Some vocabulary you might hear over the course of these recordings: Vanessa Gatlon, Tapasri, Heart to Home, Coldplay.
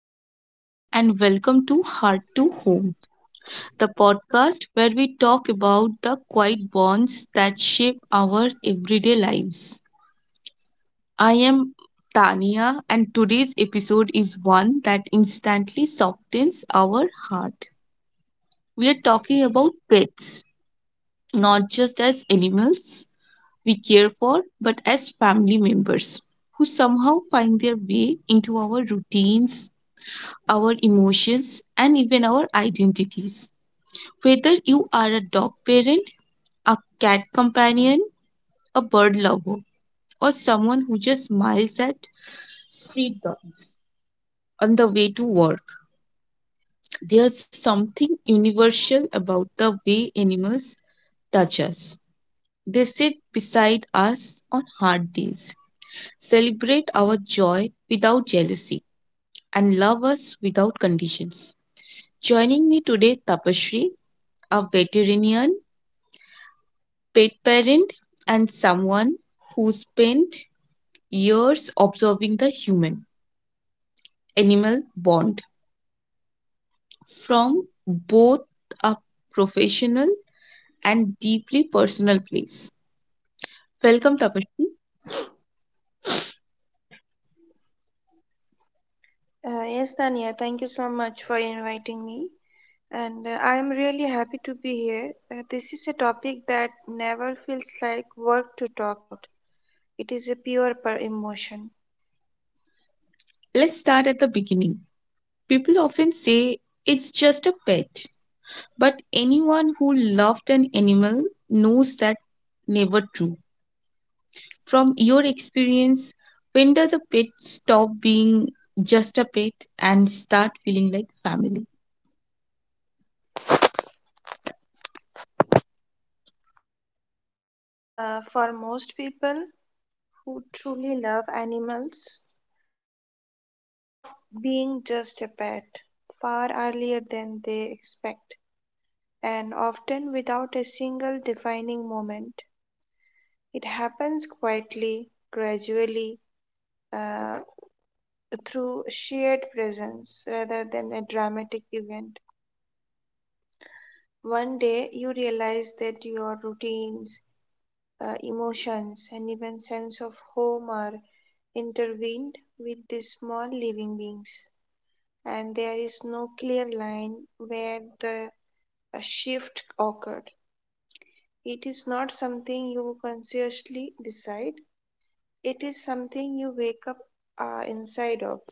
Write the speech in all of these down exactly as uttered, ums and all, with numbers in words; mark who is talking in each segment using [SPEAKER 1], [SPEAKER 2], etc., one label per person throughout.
[SPEAKER 1] Hello, everyone, and welcome to Heart to Home, the podcast where we talk about the quiet bonds that shape our everyday lives. I am Tania, and today's episode is one that instantly softens our heart. We are talking about pets, not just as animals we care for, but as family members who somehow find their way into our routines, our emotions, and even our identities. Whether you are a dog parent, a cat companion, a bird lover, or someone who just smiles at street dogs on the way to work, there's something universal about the way animals touch us. They sit beside us on hard days, celebrate our joy without jealousy, and love us without conditions. Joining me today, Tapasri, a veterinarian, pet parent, and someone who spent years observing the human animal bond from both a professional and deeply personal place. Welcome, Tapashri.
[SPEAKER 2] Uh, yes, Tania, thank you so much for inviting me. And uh, I am really happy to be here. Uh, this is a topic that never feels like work to talk about. It is a pure per emotion.
[SPEAKER 1] Let's start at the beginning. People often say it's just a pet, but anyone who loved an animal knows that never true. From your experience, when does a pet stop being just a pet and start feeling like family?
[SPEAKER 2] Uh, for most people who truly love animals, a pet stops being just a pet far earlier than they expect, and often without a single defining moment. It happens quietly, gradually, uh, through shared presence rather than a dramatic event. One day you realize that your routines, uh, emotions, and even sense of home are intertwined with these small living beings, and there is no clear line where the uh, shift occurred. It is not something you consciously decide, it is something you wake up uh, inside of.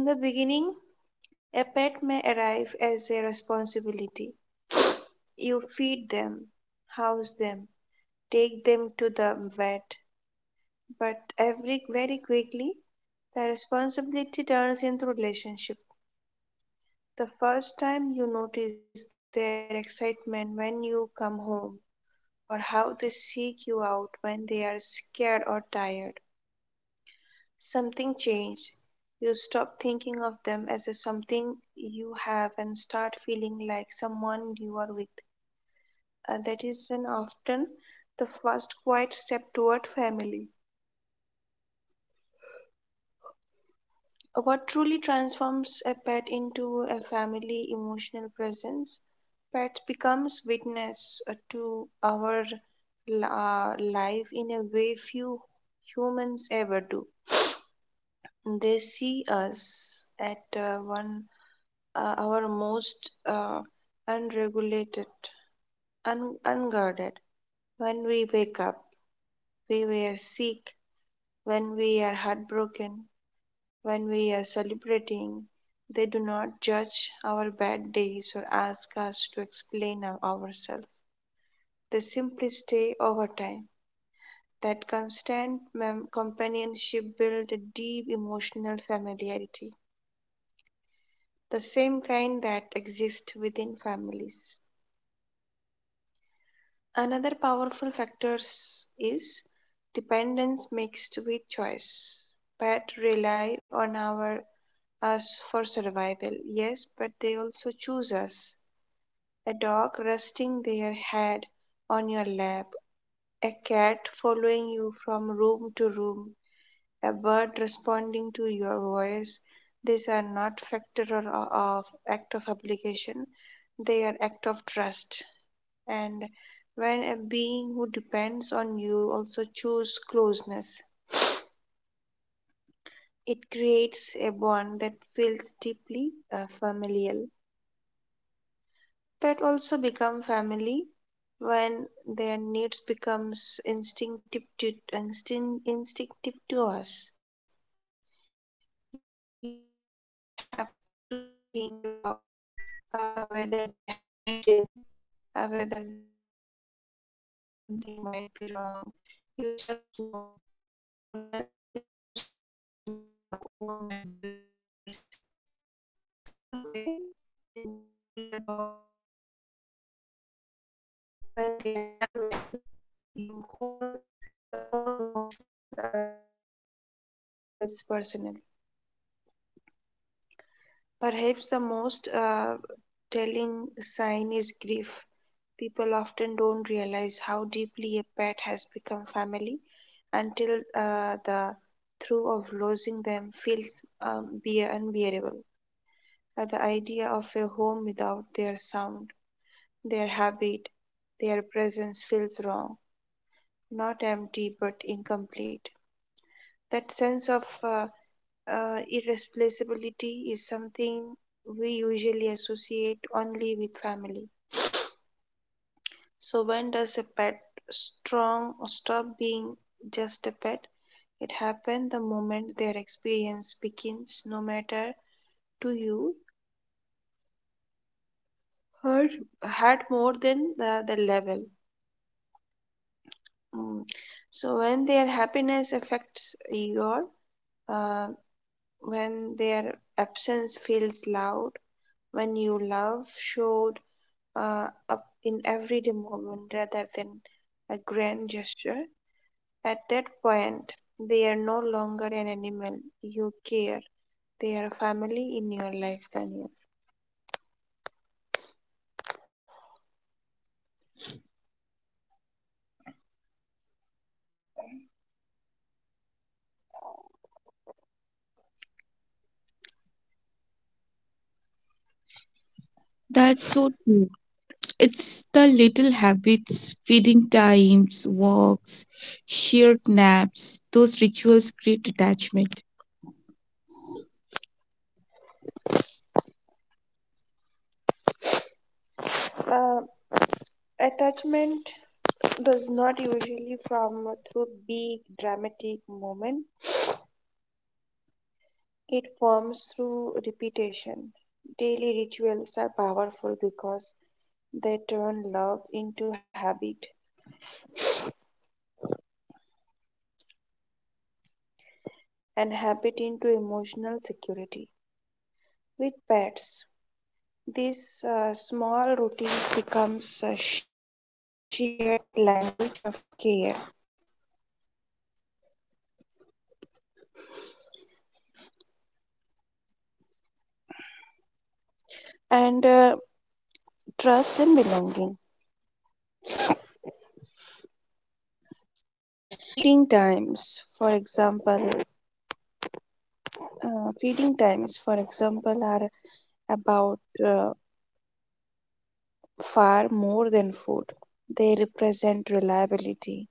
[SPEAKER 2] In the beginning, a pet may arrive as a responsibility. You feed them, house them, take them to the vet, but every very quickly the responsibility turns into relationship. The first time you notice their excitement when you come home or how they seek you out when they are scared or tired. Something changed. You stop thinking of them as a something you have and start feeling like someone you are with. And that is when often the first quiet step toward family. What truly transforms a pet into a family emotional presence? Pet becomes witness uh, to our li- uh, life in a way few humans ever do. They see us at uh, one uh, our most uh, unregulated, un- unguarded. When we wake up, when we were sick, when we are heartbroken, when we are celebrating, they do not judge our bad days or ask us to explain our- ourselves. They simply stay over time. That constant mem- companionship builds a deep emotional familiarity, the same kind that exists within families. Another powerful factors is dependence mixed with choice. Pets rely on our us for survival, yes, but they also choose us. A dog resting their head on your lap, a cat following you from room to room, a bird responding to your voice. These are not factor or of act of obligation; they are act of trust. And when a being who depends on you also choose closeness, it creates a bond that feels deeply uh, familial. Pets also become family when their needs becomes instinctive to instinct, instinctive to us. You do not have to think about uh, whether they have eaten, uh, whether they are comfortable, whether something might be wrong. You just know. Their well being becomes woven into your own mental checklist. The same way you would worry about a sibling or child. When they are unwell, you whole, your whole emotional um, balance shifts. Their pain feels personal. Perhaps the most uh, telling sign is grief. People often don't realize how deeply a pet has become family until uh, the throe of losing them feels um, be unbearable. Uh, the idea of a home without their sound, their habit, their presence feels wrong, not empty but incomplete. That sense of uh, uh, irreplaceability is something we usually associate only with family. So, when does a pet strong stop being just a pet? It happens the moment their experience begins, no matter to you, hurt, hurt more than the, the level. Mm. So, when their happiness affects your, uh, when their absence feels loud, when you love showed uh, up in everyday moment rather than a grand gesture. At that point, they are no longer an animal you care. They are a family in your life, Tanya.
[SPEAKER 1] That's so true. It's the little habits, feeding times, walks, shared naps, those rituals create attachment.
[SPEAKER 2] Uh, attachment does not usually form through big dramatic moment. It forms through repetition. Daily rituals are powerful because they turn love into habit and habit into emotional security. With pets, this uh, small routine becomes a shared language of care and uh, trust and belonging. Feeding times, for example, uh, Feeding times, for example, are about uh, far more than food. They represent reliability.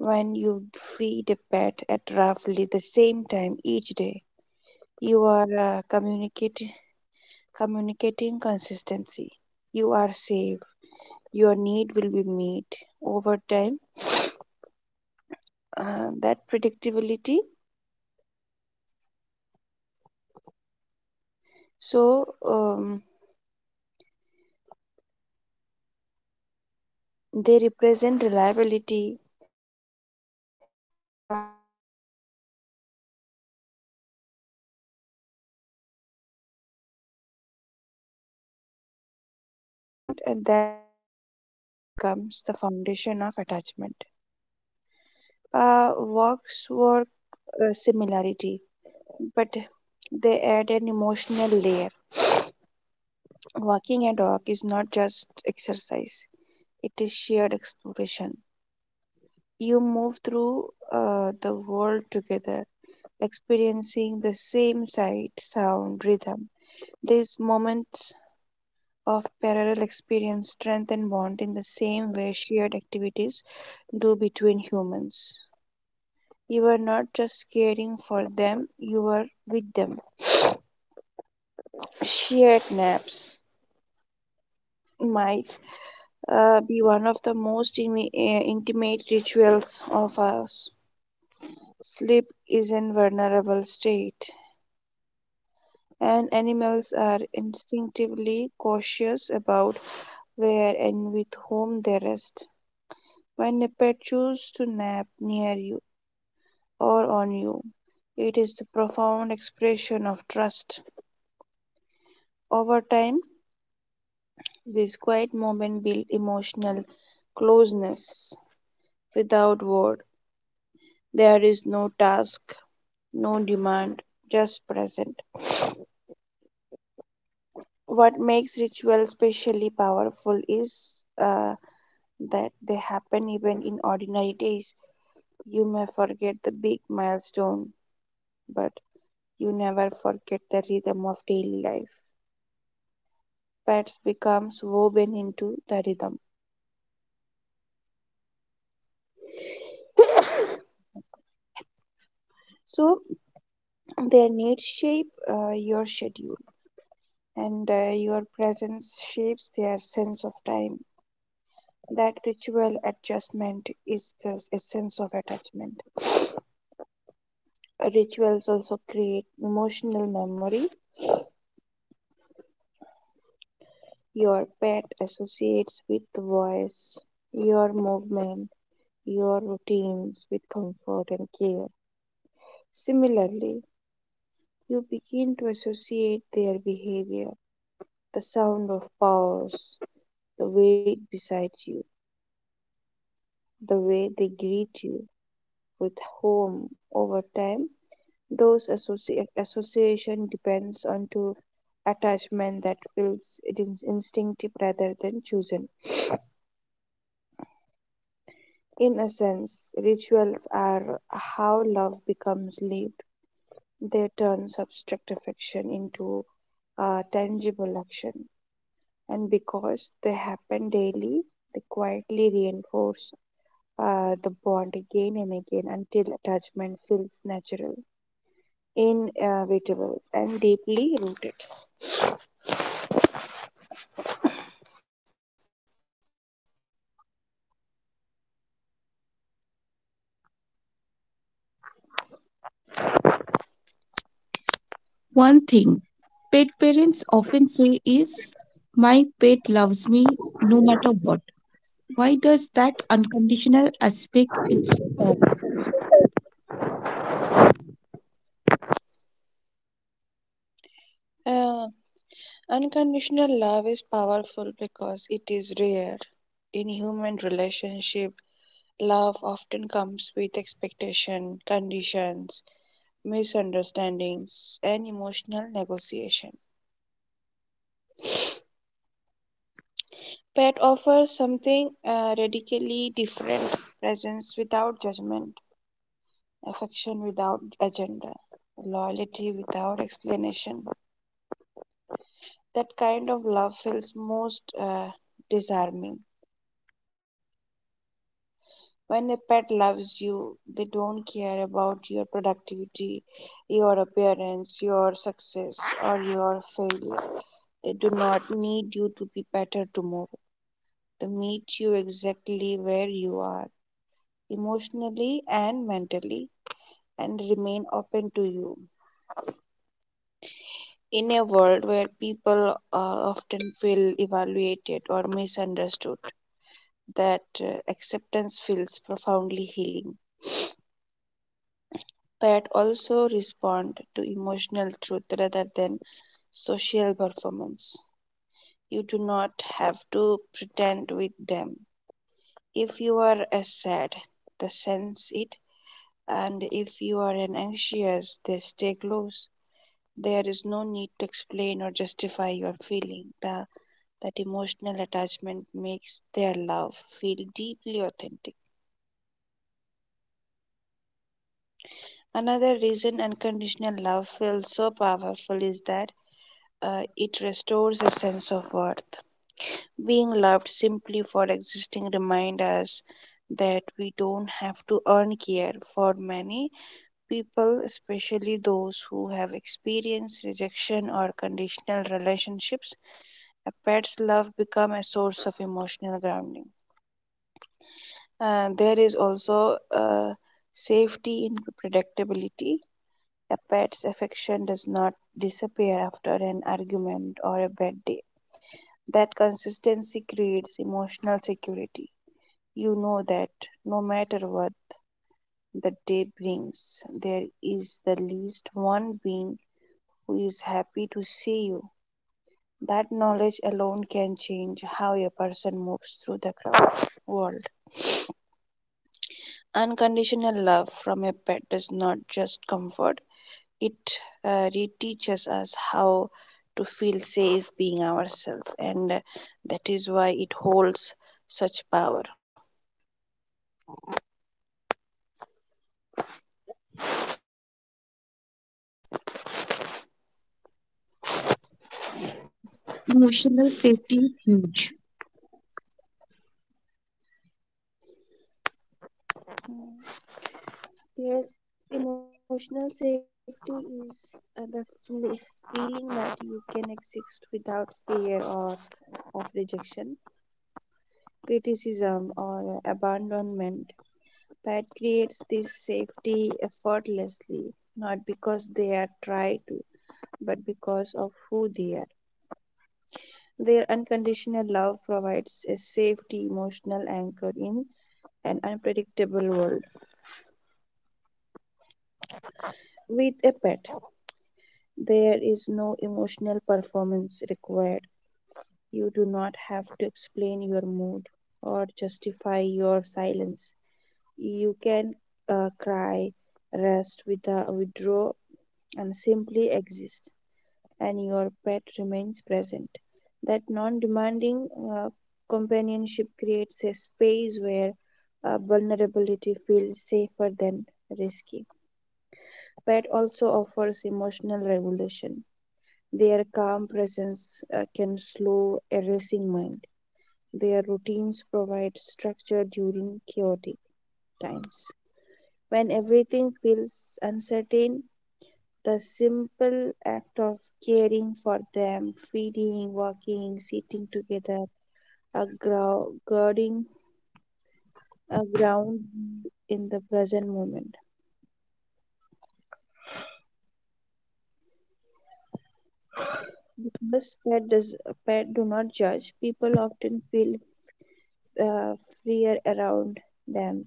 [SPEAKER 2] When you feed a pet at roughly the same time each day, you are uh, communicating communicating consistency. You are safe your need will be met over time. Uh, that predictability, so um, they represent reliability, uh, and that predictability create trust. Your pet learns that you are a someone they can rely on, and uh, that sense of safety becomes the foundation of attachment. Uh, walks work uh, similarity, but they add an emotional layer. Walking a dog is not just exercise, it is shared exploration. You move through uh, the world together, experiencing the same sight, sound, rhythm. These moments of parallel experience strengthen bond in the same way shared activities do between humans. You are not just caring for them, you are with them. Shared naps might uh, be one of the most imi- uh, intimate rituals of us. Sleep is a vulnerable state, and animals are instinctively cautious about where and with whom they rest. When a pet chooses to nap near you or on you, it is the profound expression of trust. Over time, these quiet moments build emotional closeness without word. There is no task no demand, just present. What makes rituals specially powerful is uh, that they happen even in ordinary days. You may forget the big milestone, but you never forget the rhythm of daily life. Pets becomes woven into the rhythm. So their needs shape uh, your schedule, and uh, your presence shapes their sense of time. That ritual adjustment is the essence of attachment. Rituals also create emotional memory. Your pet associates with the voice, your movement, your routines with comfort and care. Similarly, you begin to associate their behavior, the sound of paws, the weight beside you, the way they greet you with home over time. Those associ- association depends on to attachment that feels it is instinctive rather than chosen. In essence, rituals are how love becomes lived. They turn abstract affection into uh, tangible action. And because they happen daily, they quietly reinforce uh, the bond again and again until attachment feels natural, inevitable, and deeply rooted.
[SPEAKER 1] One thing pet parents often say is, My pet loves me no matter what. Why does that unconditional aspect feel so powerful?
[SPEAKER 2] Uh, unconditional love is powerful because it is rare. In human relationship, love often comes with expectation, conditions, misunderstandings, and emotional negotiation. Pet offers something uh, radically different presence without judgment, affection without agenda, loyalty without explanation. That kind of love feels most uh, disarming. When a pet loves you, they don't care about your productivity, your appearance, your success, or your failure. They do not need you to be better tomorrow. They meet you exactly where you are, emotionally and mentally, and remain open to you. In a world where people uh, often feel evaluated or misunderstood, that uh, acceptance feels profoundly healing. Pat also respond to emotional truth rather than social performance. You do not have to pretend with them. If you are a sad, they sense it, and if you are an anxious, they stay close. There is no need to explain or justify your feeling. The, that emotional attachment makes their love feel deeply authentic. Another reason unconditional love feels so powerful is that Uh, it restores a sense of worth. Being loved simply for existing reminds us that we don't have to earn care. For many people, especially those who have experienced rejection or conditional relationships, a pet's love becomes a source of emotional grounding. Uh, there is also uh, safety in predictability. A pet's affection does not disappear after an argument or a bad day. That consistency creates emotional security. You know that no matter what the day brings, there is the least one being who is happy to see you. That knowledge alone can change how a person moves through the crowd world. Unconditional love from a pet does not just comfort, it uh, reteaches us how to feel safe being ourselves, and uh, that is why it holds such power.
[SPEAKER 1] Emotional safety is huge.
[SPEAKER 2] Yes, emotional safety is uh, the feel- feeling that you can exist without fear or of rejection, criticism, or abandonment. Pet creates this safety effortlessly, not because they are tried to, but because of who they are. Their unconditional love provides a safety emotional anchor in an unpredictable world. With a pet, there is no emotional performance required. You do not have to explain your mood or justify your silence. You can uh, cry, rest, without, withdraw, and simply exist, and your pet remains present. That non demanding uh, companionship creates a space where uh, vulnerability feels safer than risky. Pet also offers emotional regulation. Their calm presence uh, can slow a racing mind. Their routines provide structure during chaotic times. When everything feels uncertain, the simple act of caring for them, feeding, walking, sitting together, a grow- guarding a ground in the present moment. Because pet does pet do not judge, people often feel uh, freer around them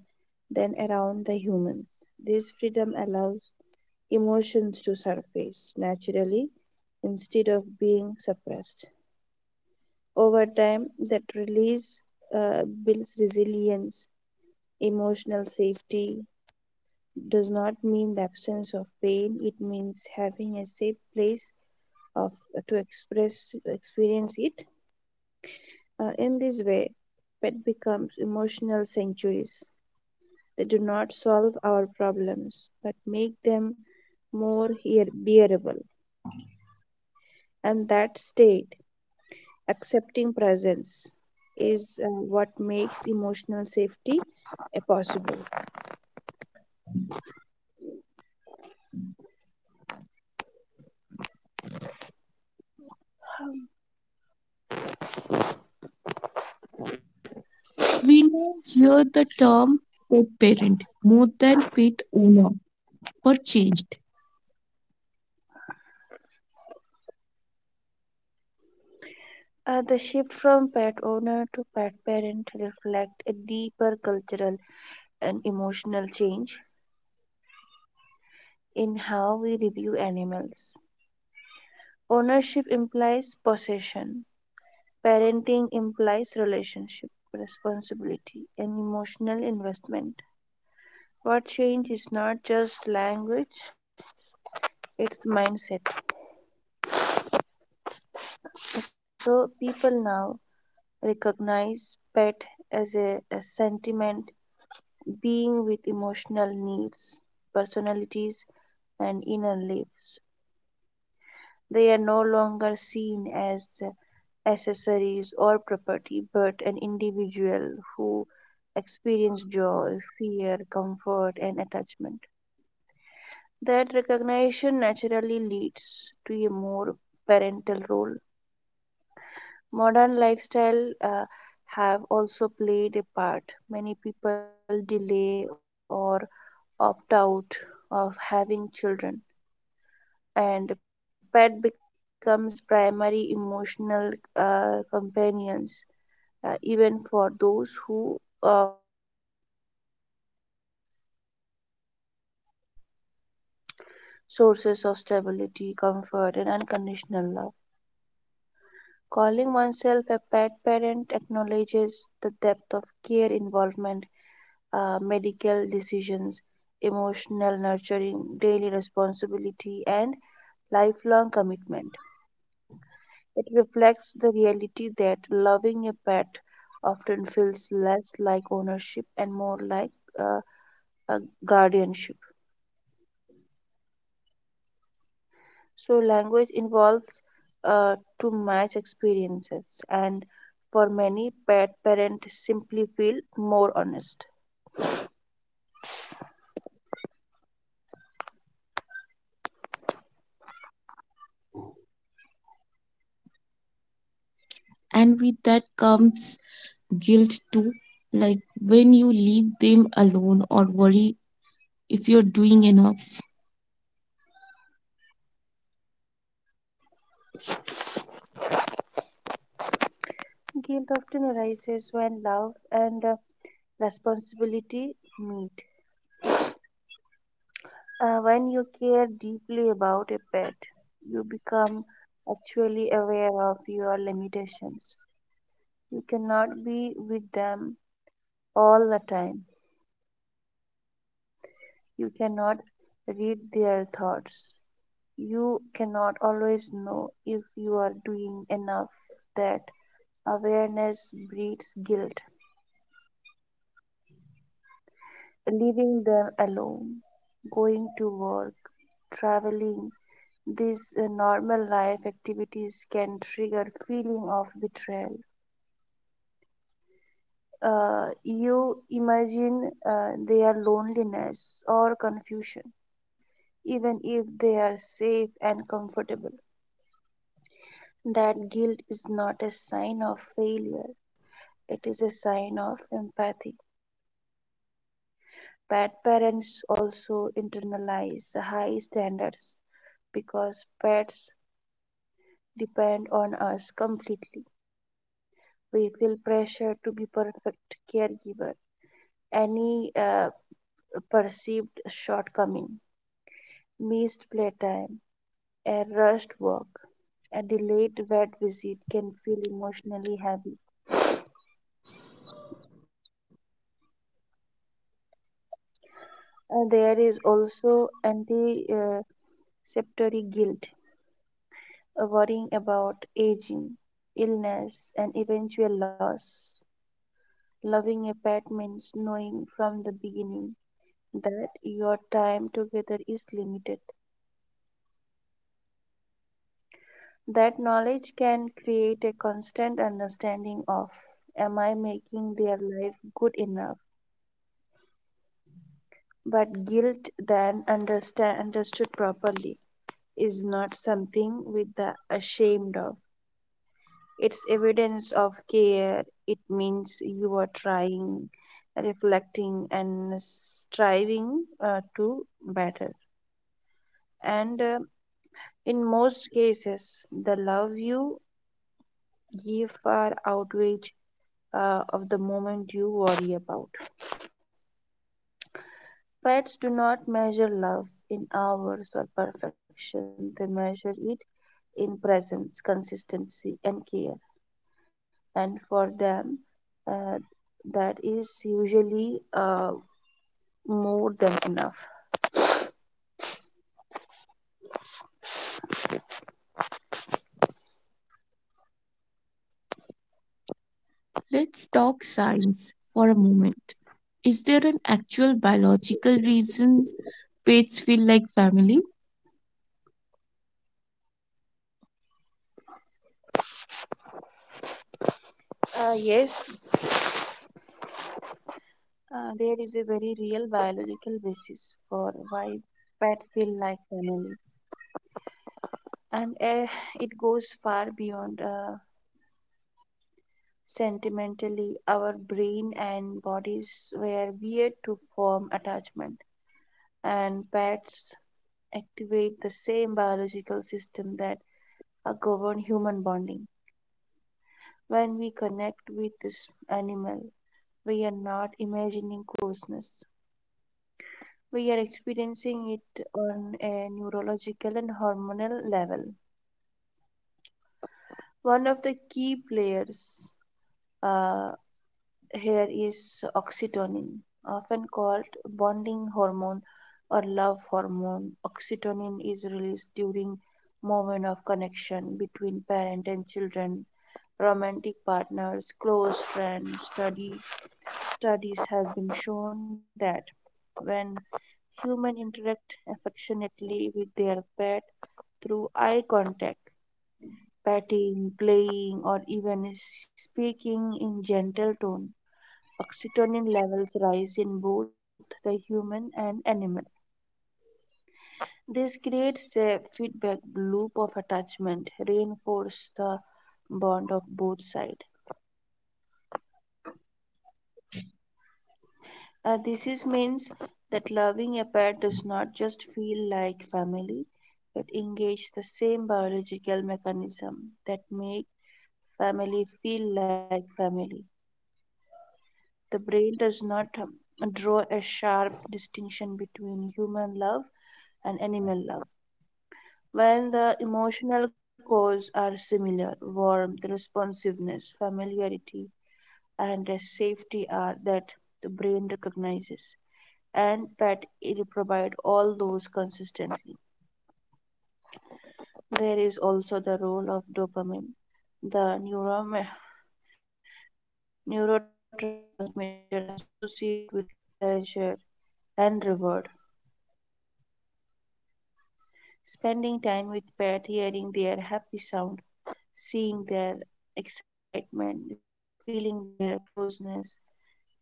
[SPEAKER 2] than around the humans. This freedom allows emotions to surface naturally instead of being suppressed. Over time, that release uh, builds resilience, emotional safety. Does not mean the absence of pain, it means having a safe place of uh, to express experience it. Uh, in this way, pet becomes emotional sanctuaries. They do not solve our problems but make them more hear- bearable. And that stay accepting presence is uh, what makes emotional safety uh, possible.
[SPEAKER 1] We now hear the term pet parent more than pet owner. What changed?
[SPEAKER 2] Uh, the shift from pet owner to pet parent reflect a deeper cultural and emotional change in how we review animals. Ownership implies possession. Parenting implies relationship, responsibility, and emotional investment. What change is not just language, it's mindset. So people now recognize pet as a, a sentiment being with emotional needs, personalities, and inner lives. They are no longer seen as accessories or property, but an individual who experience joy, fear, comfort, and attachment. That recognition naturally leads to a more parental role. Modern lifestyle uh, have also played a part. Many people delay or opt out of having children, and pet becomes primary emotional uh, companions. Uh, even for those who uh, families pet often function as emotional constraint, sources of stability, comfort, and unconditional love. Calling oneself a pet parent acknowledges the depth of care, involvement, uh, medical decisions, emotional nurturing, daily responsibility, and lifelong commitment. It reflects the reality that loving a pet often feels less like ownership and more like uh, a guardianship. So, language involves uh, to match experiences, and for many, pet parents simply feel more honest.
[SPEAKER 1] And with that comes guilt too, like when you leave them alone or worry if you're doing enough.
[SPEAKER 2] Guilt often arises when love and uh, responsibility meet. Uh, when you care deeply about a pet, you become actually aware of your limitations. You cannot be with them all the time. You cannot read their thoughts. You cannot always know if you are doing enough. That awareness breeds guilt. Leaving them alone, going to work, traveling, these uh, normal life activities can trigger feeling of betrayal. Uh, you imagine uh, their loneliness or confusion, even if they are safe and comfortable. That guilt is not a sign of failure; it is a sign of empathy. Bad parents also internalize high standards because pets depend on us completely. We feel pressure to be perfect caregivers, any uh, perceived shortcoming, missed playtime, a rushed work, a delayed vet visit can feel emotionally heavy. And there is also anticipatory guilt, uh, worrying about aging, illness, and eventual loss. Loving a pet means knowing from the beginning that your time together is limited. That knowledge can create a constant understanding of, am I making their life good enough? But guilt then understand understood properly is not something with the ashamed of. It's evidence of care. It means you are trying, reflecting and striving uh, to better. And uh, in most cases the love you give far outweighs uh, of the moment you worry about. Pets do not measure love in hours or perfection, they measure it in presence, consistency, and care. And for them, uh, that is usually uh, more than enough.
[SPEAKER 1] Let's talk science for a moment. Is there an actual biological reason pets feel like family?
[SPEAKER 2] Uh, yes, uh, there is a very real biological basis for why pets feel like family, and uh, it goes far beyond. Uh, Sentimentally, our brain and bodies were weird to form attachment, and pets activate the same biological system that uh, govern human bonding. When we connect with this animal, we are not imagining closeness. We are experiencing it on a neurological and hormonal level. One of the key players uh, here is oxytocin, often called bonding hormone or love hormone. Oxytocin is released during moment of connection between parent and children, romantic partners, close friends. Study Studies have been shown that when humans interact affectionately with their pet through eye contact, patting, playing, or even speaking in gentle tone, oxytocin levels rise in both the human and animal. This creates a feedback loop of attachment, reinforce the bond of both sides. Uh, this is means that loving a pet does not just feel like family, it engages the same biological mechanism that make family feel like family. The brain does not um, draw a sharp distinction between human love and animal love. While the emotional cores are similar, warmth, responsiveness, familiarity, and a safety are that the brain recognizes, and pet it provide all those consistently. There is also the role of dopamine, the neuro- neurotransmitter associated with pleasure and reward. Spending time with pet, hearing their happy sound, seeing their excitement, feeling their closeness,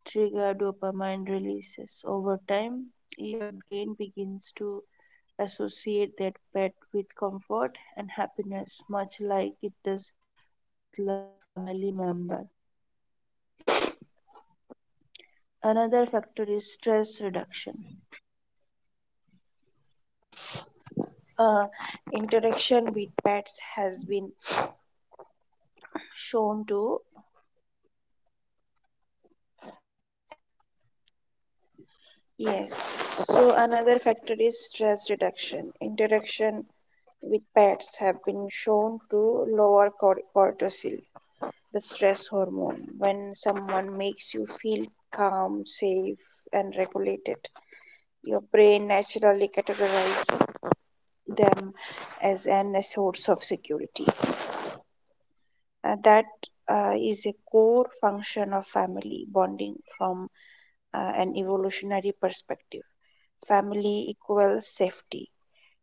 [SPEAKER 2] trigger dopamine releases. Over time, your brain begins to associate that pet with comfort and happiness, much like it does with loved family member. Another factor is stress reduction. Uh, Interaction with pets has been shown to, yes. So another factor is stress reduction. Interaction with pets have been shown to lower cor- cortisol, the stress hormone. When someone makes you feel calm, safe, and regulated, your brain naturally categorizes them as an, a source of security. And that uh, is a core function of family bonding from uh, an evolutionary perspective. Family equals safety.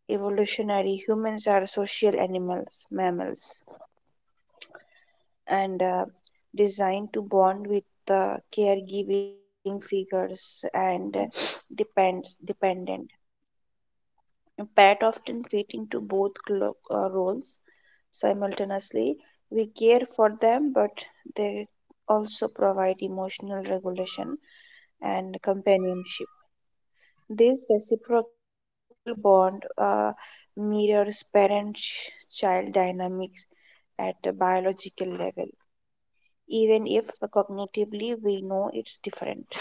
[SPEAKER 2] Evolutionary humans are social animals, mammals, and uh, designed to bond with the caregiving figures and uh, depends dependent. Pat often fit into both clo- uh, roles simultaneously. We care for them, but they also provide emotional regulation and companionship. This reciprocal bond uh, mirrors parent child dynamics at a biological level, even if cognitively we know it's different.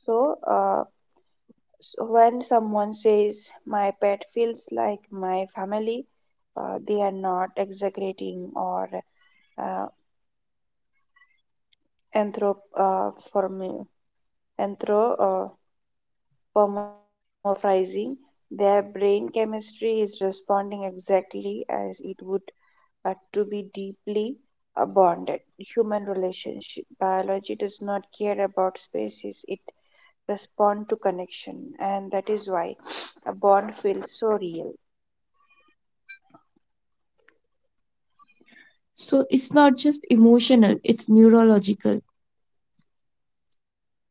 [SPEAKER 2] So, uh, so when someone says, my pet feels like my family, uh, they are not exaggerating or uh, anthrop- uh, formi- anthro- uh, anthropomorphizing. Their brain chemistry is responding exactly as it would uh, to be deeply uh, bonded. Human relationship biology does not care about species; it respond to connection, and that is why a bond feels so real.
[SPEAKER 1] So it's not just emotional, it's neurological.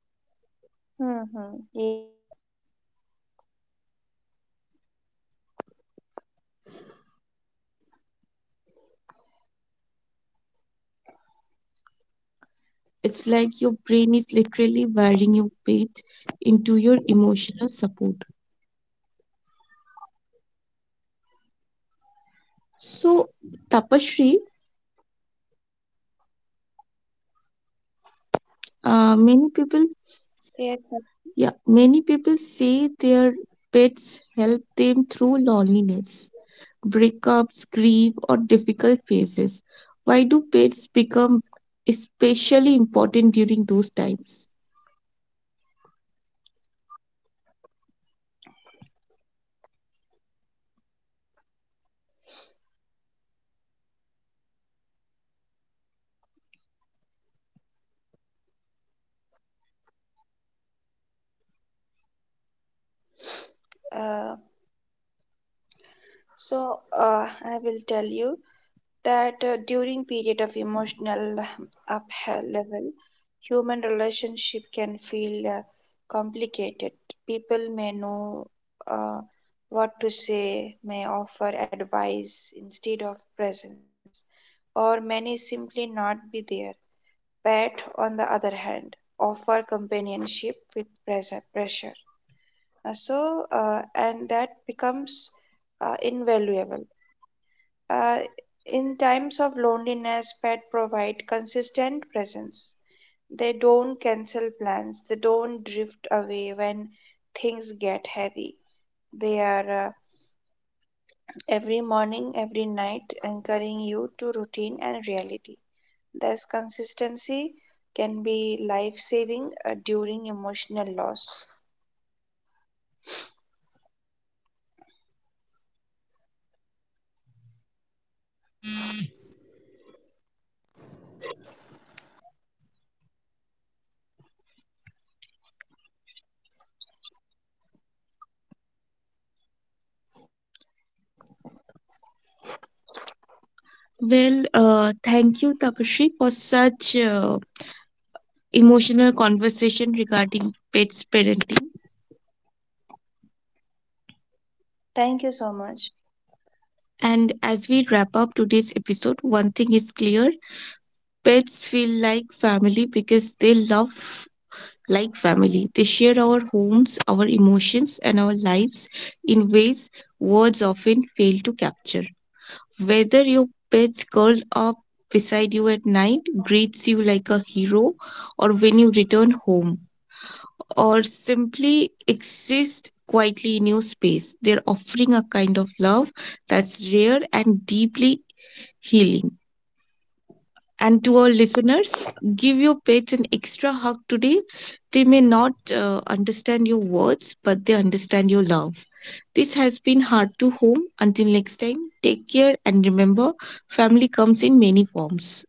[SPEAKER 2] Mm-hmm. Yes.
[SPEAKER 1] It's like your brain is literally wiring your pet into your emotional support. So tapashri, uh, many people,
[SPEAKER 2] Yes.
[SPEAKER 1] yeah, many people say their pets help them through loneliness, breakups, grief, or difficult phases? Why do pets become especially important during those times?
[SPEAKER 2] Uh, so uh, I will tell you that uh, during period of emotional up level, human relationship can feel uh, complicated. People may know uh, what to say, may offer advice instead of presence, or many simply not be there. Pet, on the other hand, offer companionship with pressure. pressure. Uh, so, uh, and that becomes uh, invaluable. Uh, in times of loneliness, pet provide consistent presence. They don't cancel plans. They don't drift away when things get heavy. They are uh, every morning, every night, anchoring you to routine and reality. This consistency can be life saving during emotional loss.
[SPEAKER 1] Well, uh, thank you, Tapashri, for such uh, emotional conversation regarding pets parenting.
[SPEAKER 2] Thank you so much.
[SPEAKER 1] And as we wrap up today's episode, one thing is clear, pets feel like family because they love like family. They share our homes, our emotions, and our lives in ways words often fail to capture. Whether your pets curl up beside you at night, greets you like a hero, or when you return home, or simply exist quietly in your space, they're offering a kind of love that's rare and deeply healing. And to our listeners, give your pets an extra hug today. They may not uh, understand your words, but they understand your love. This has been Heart to Home. Until next time, take care and remember, family comes in many forms.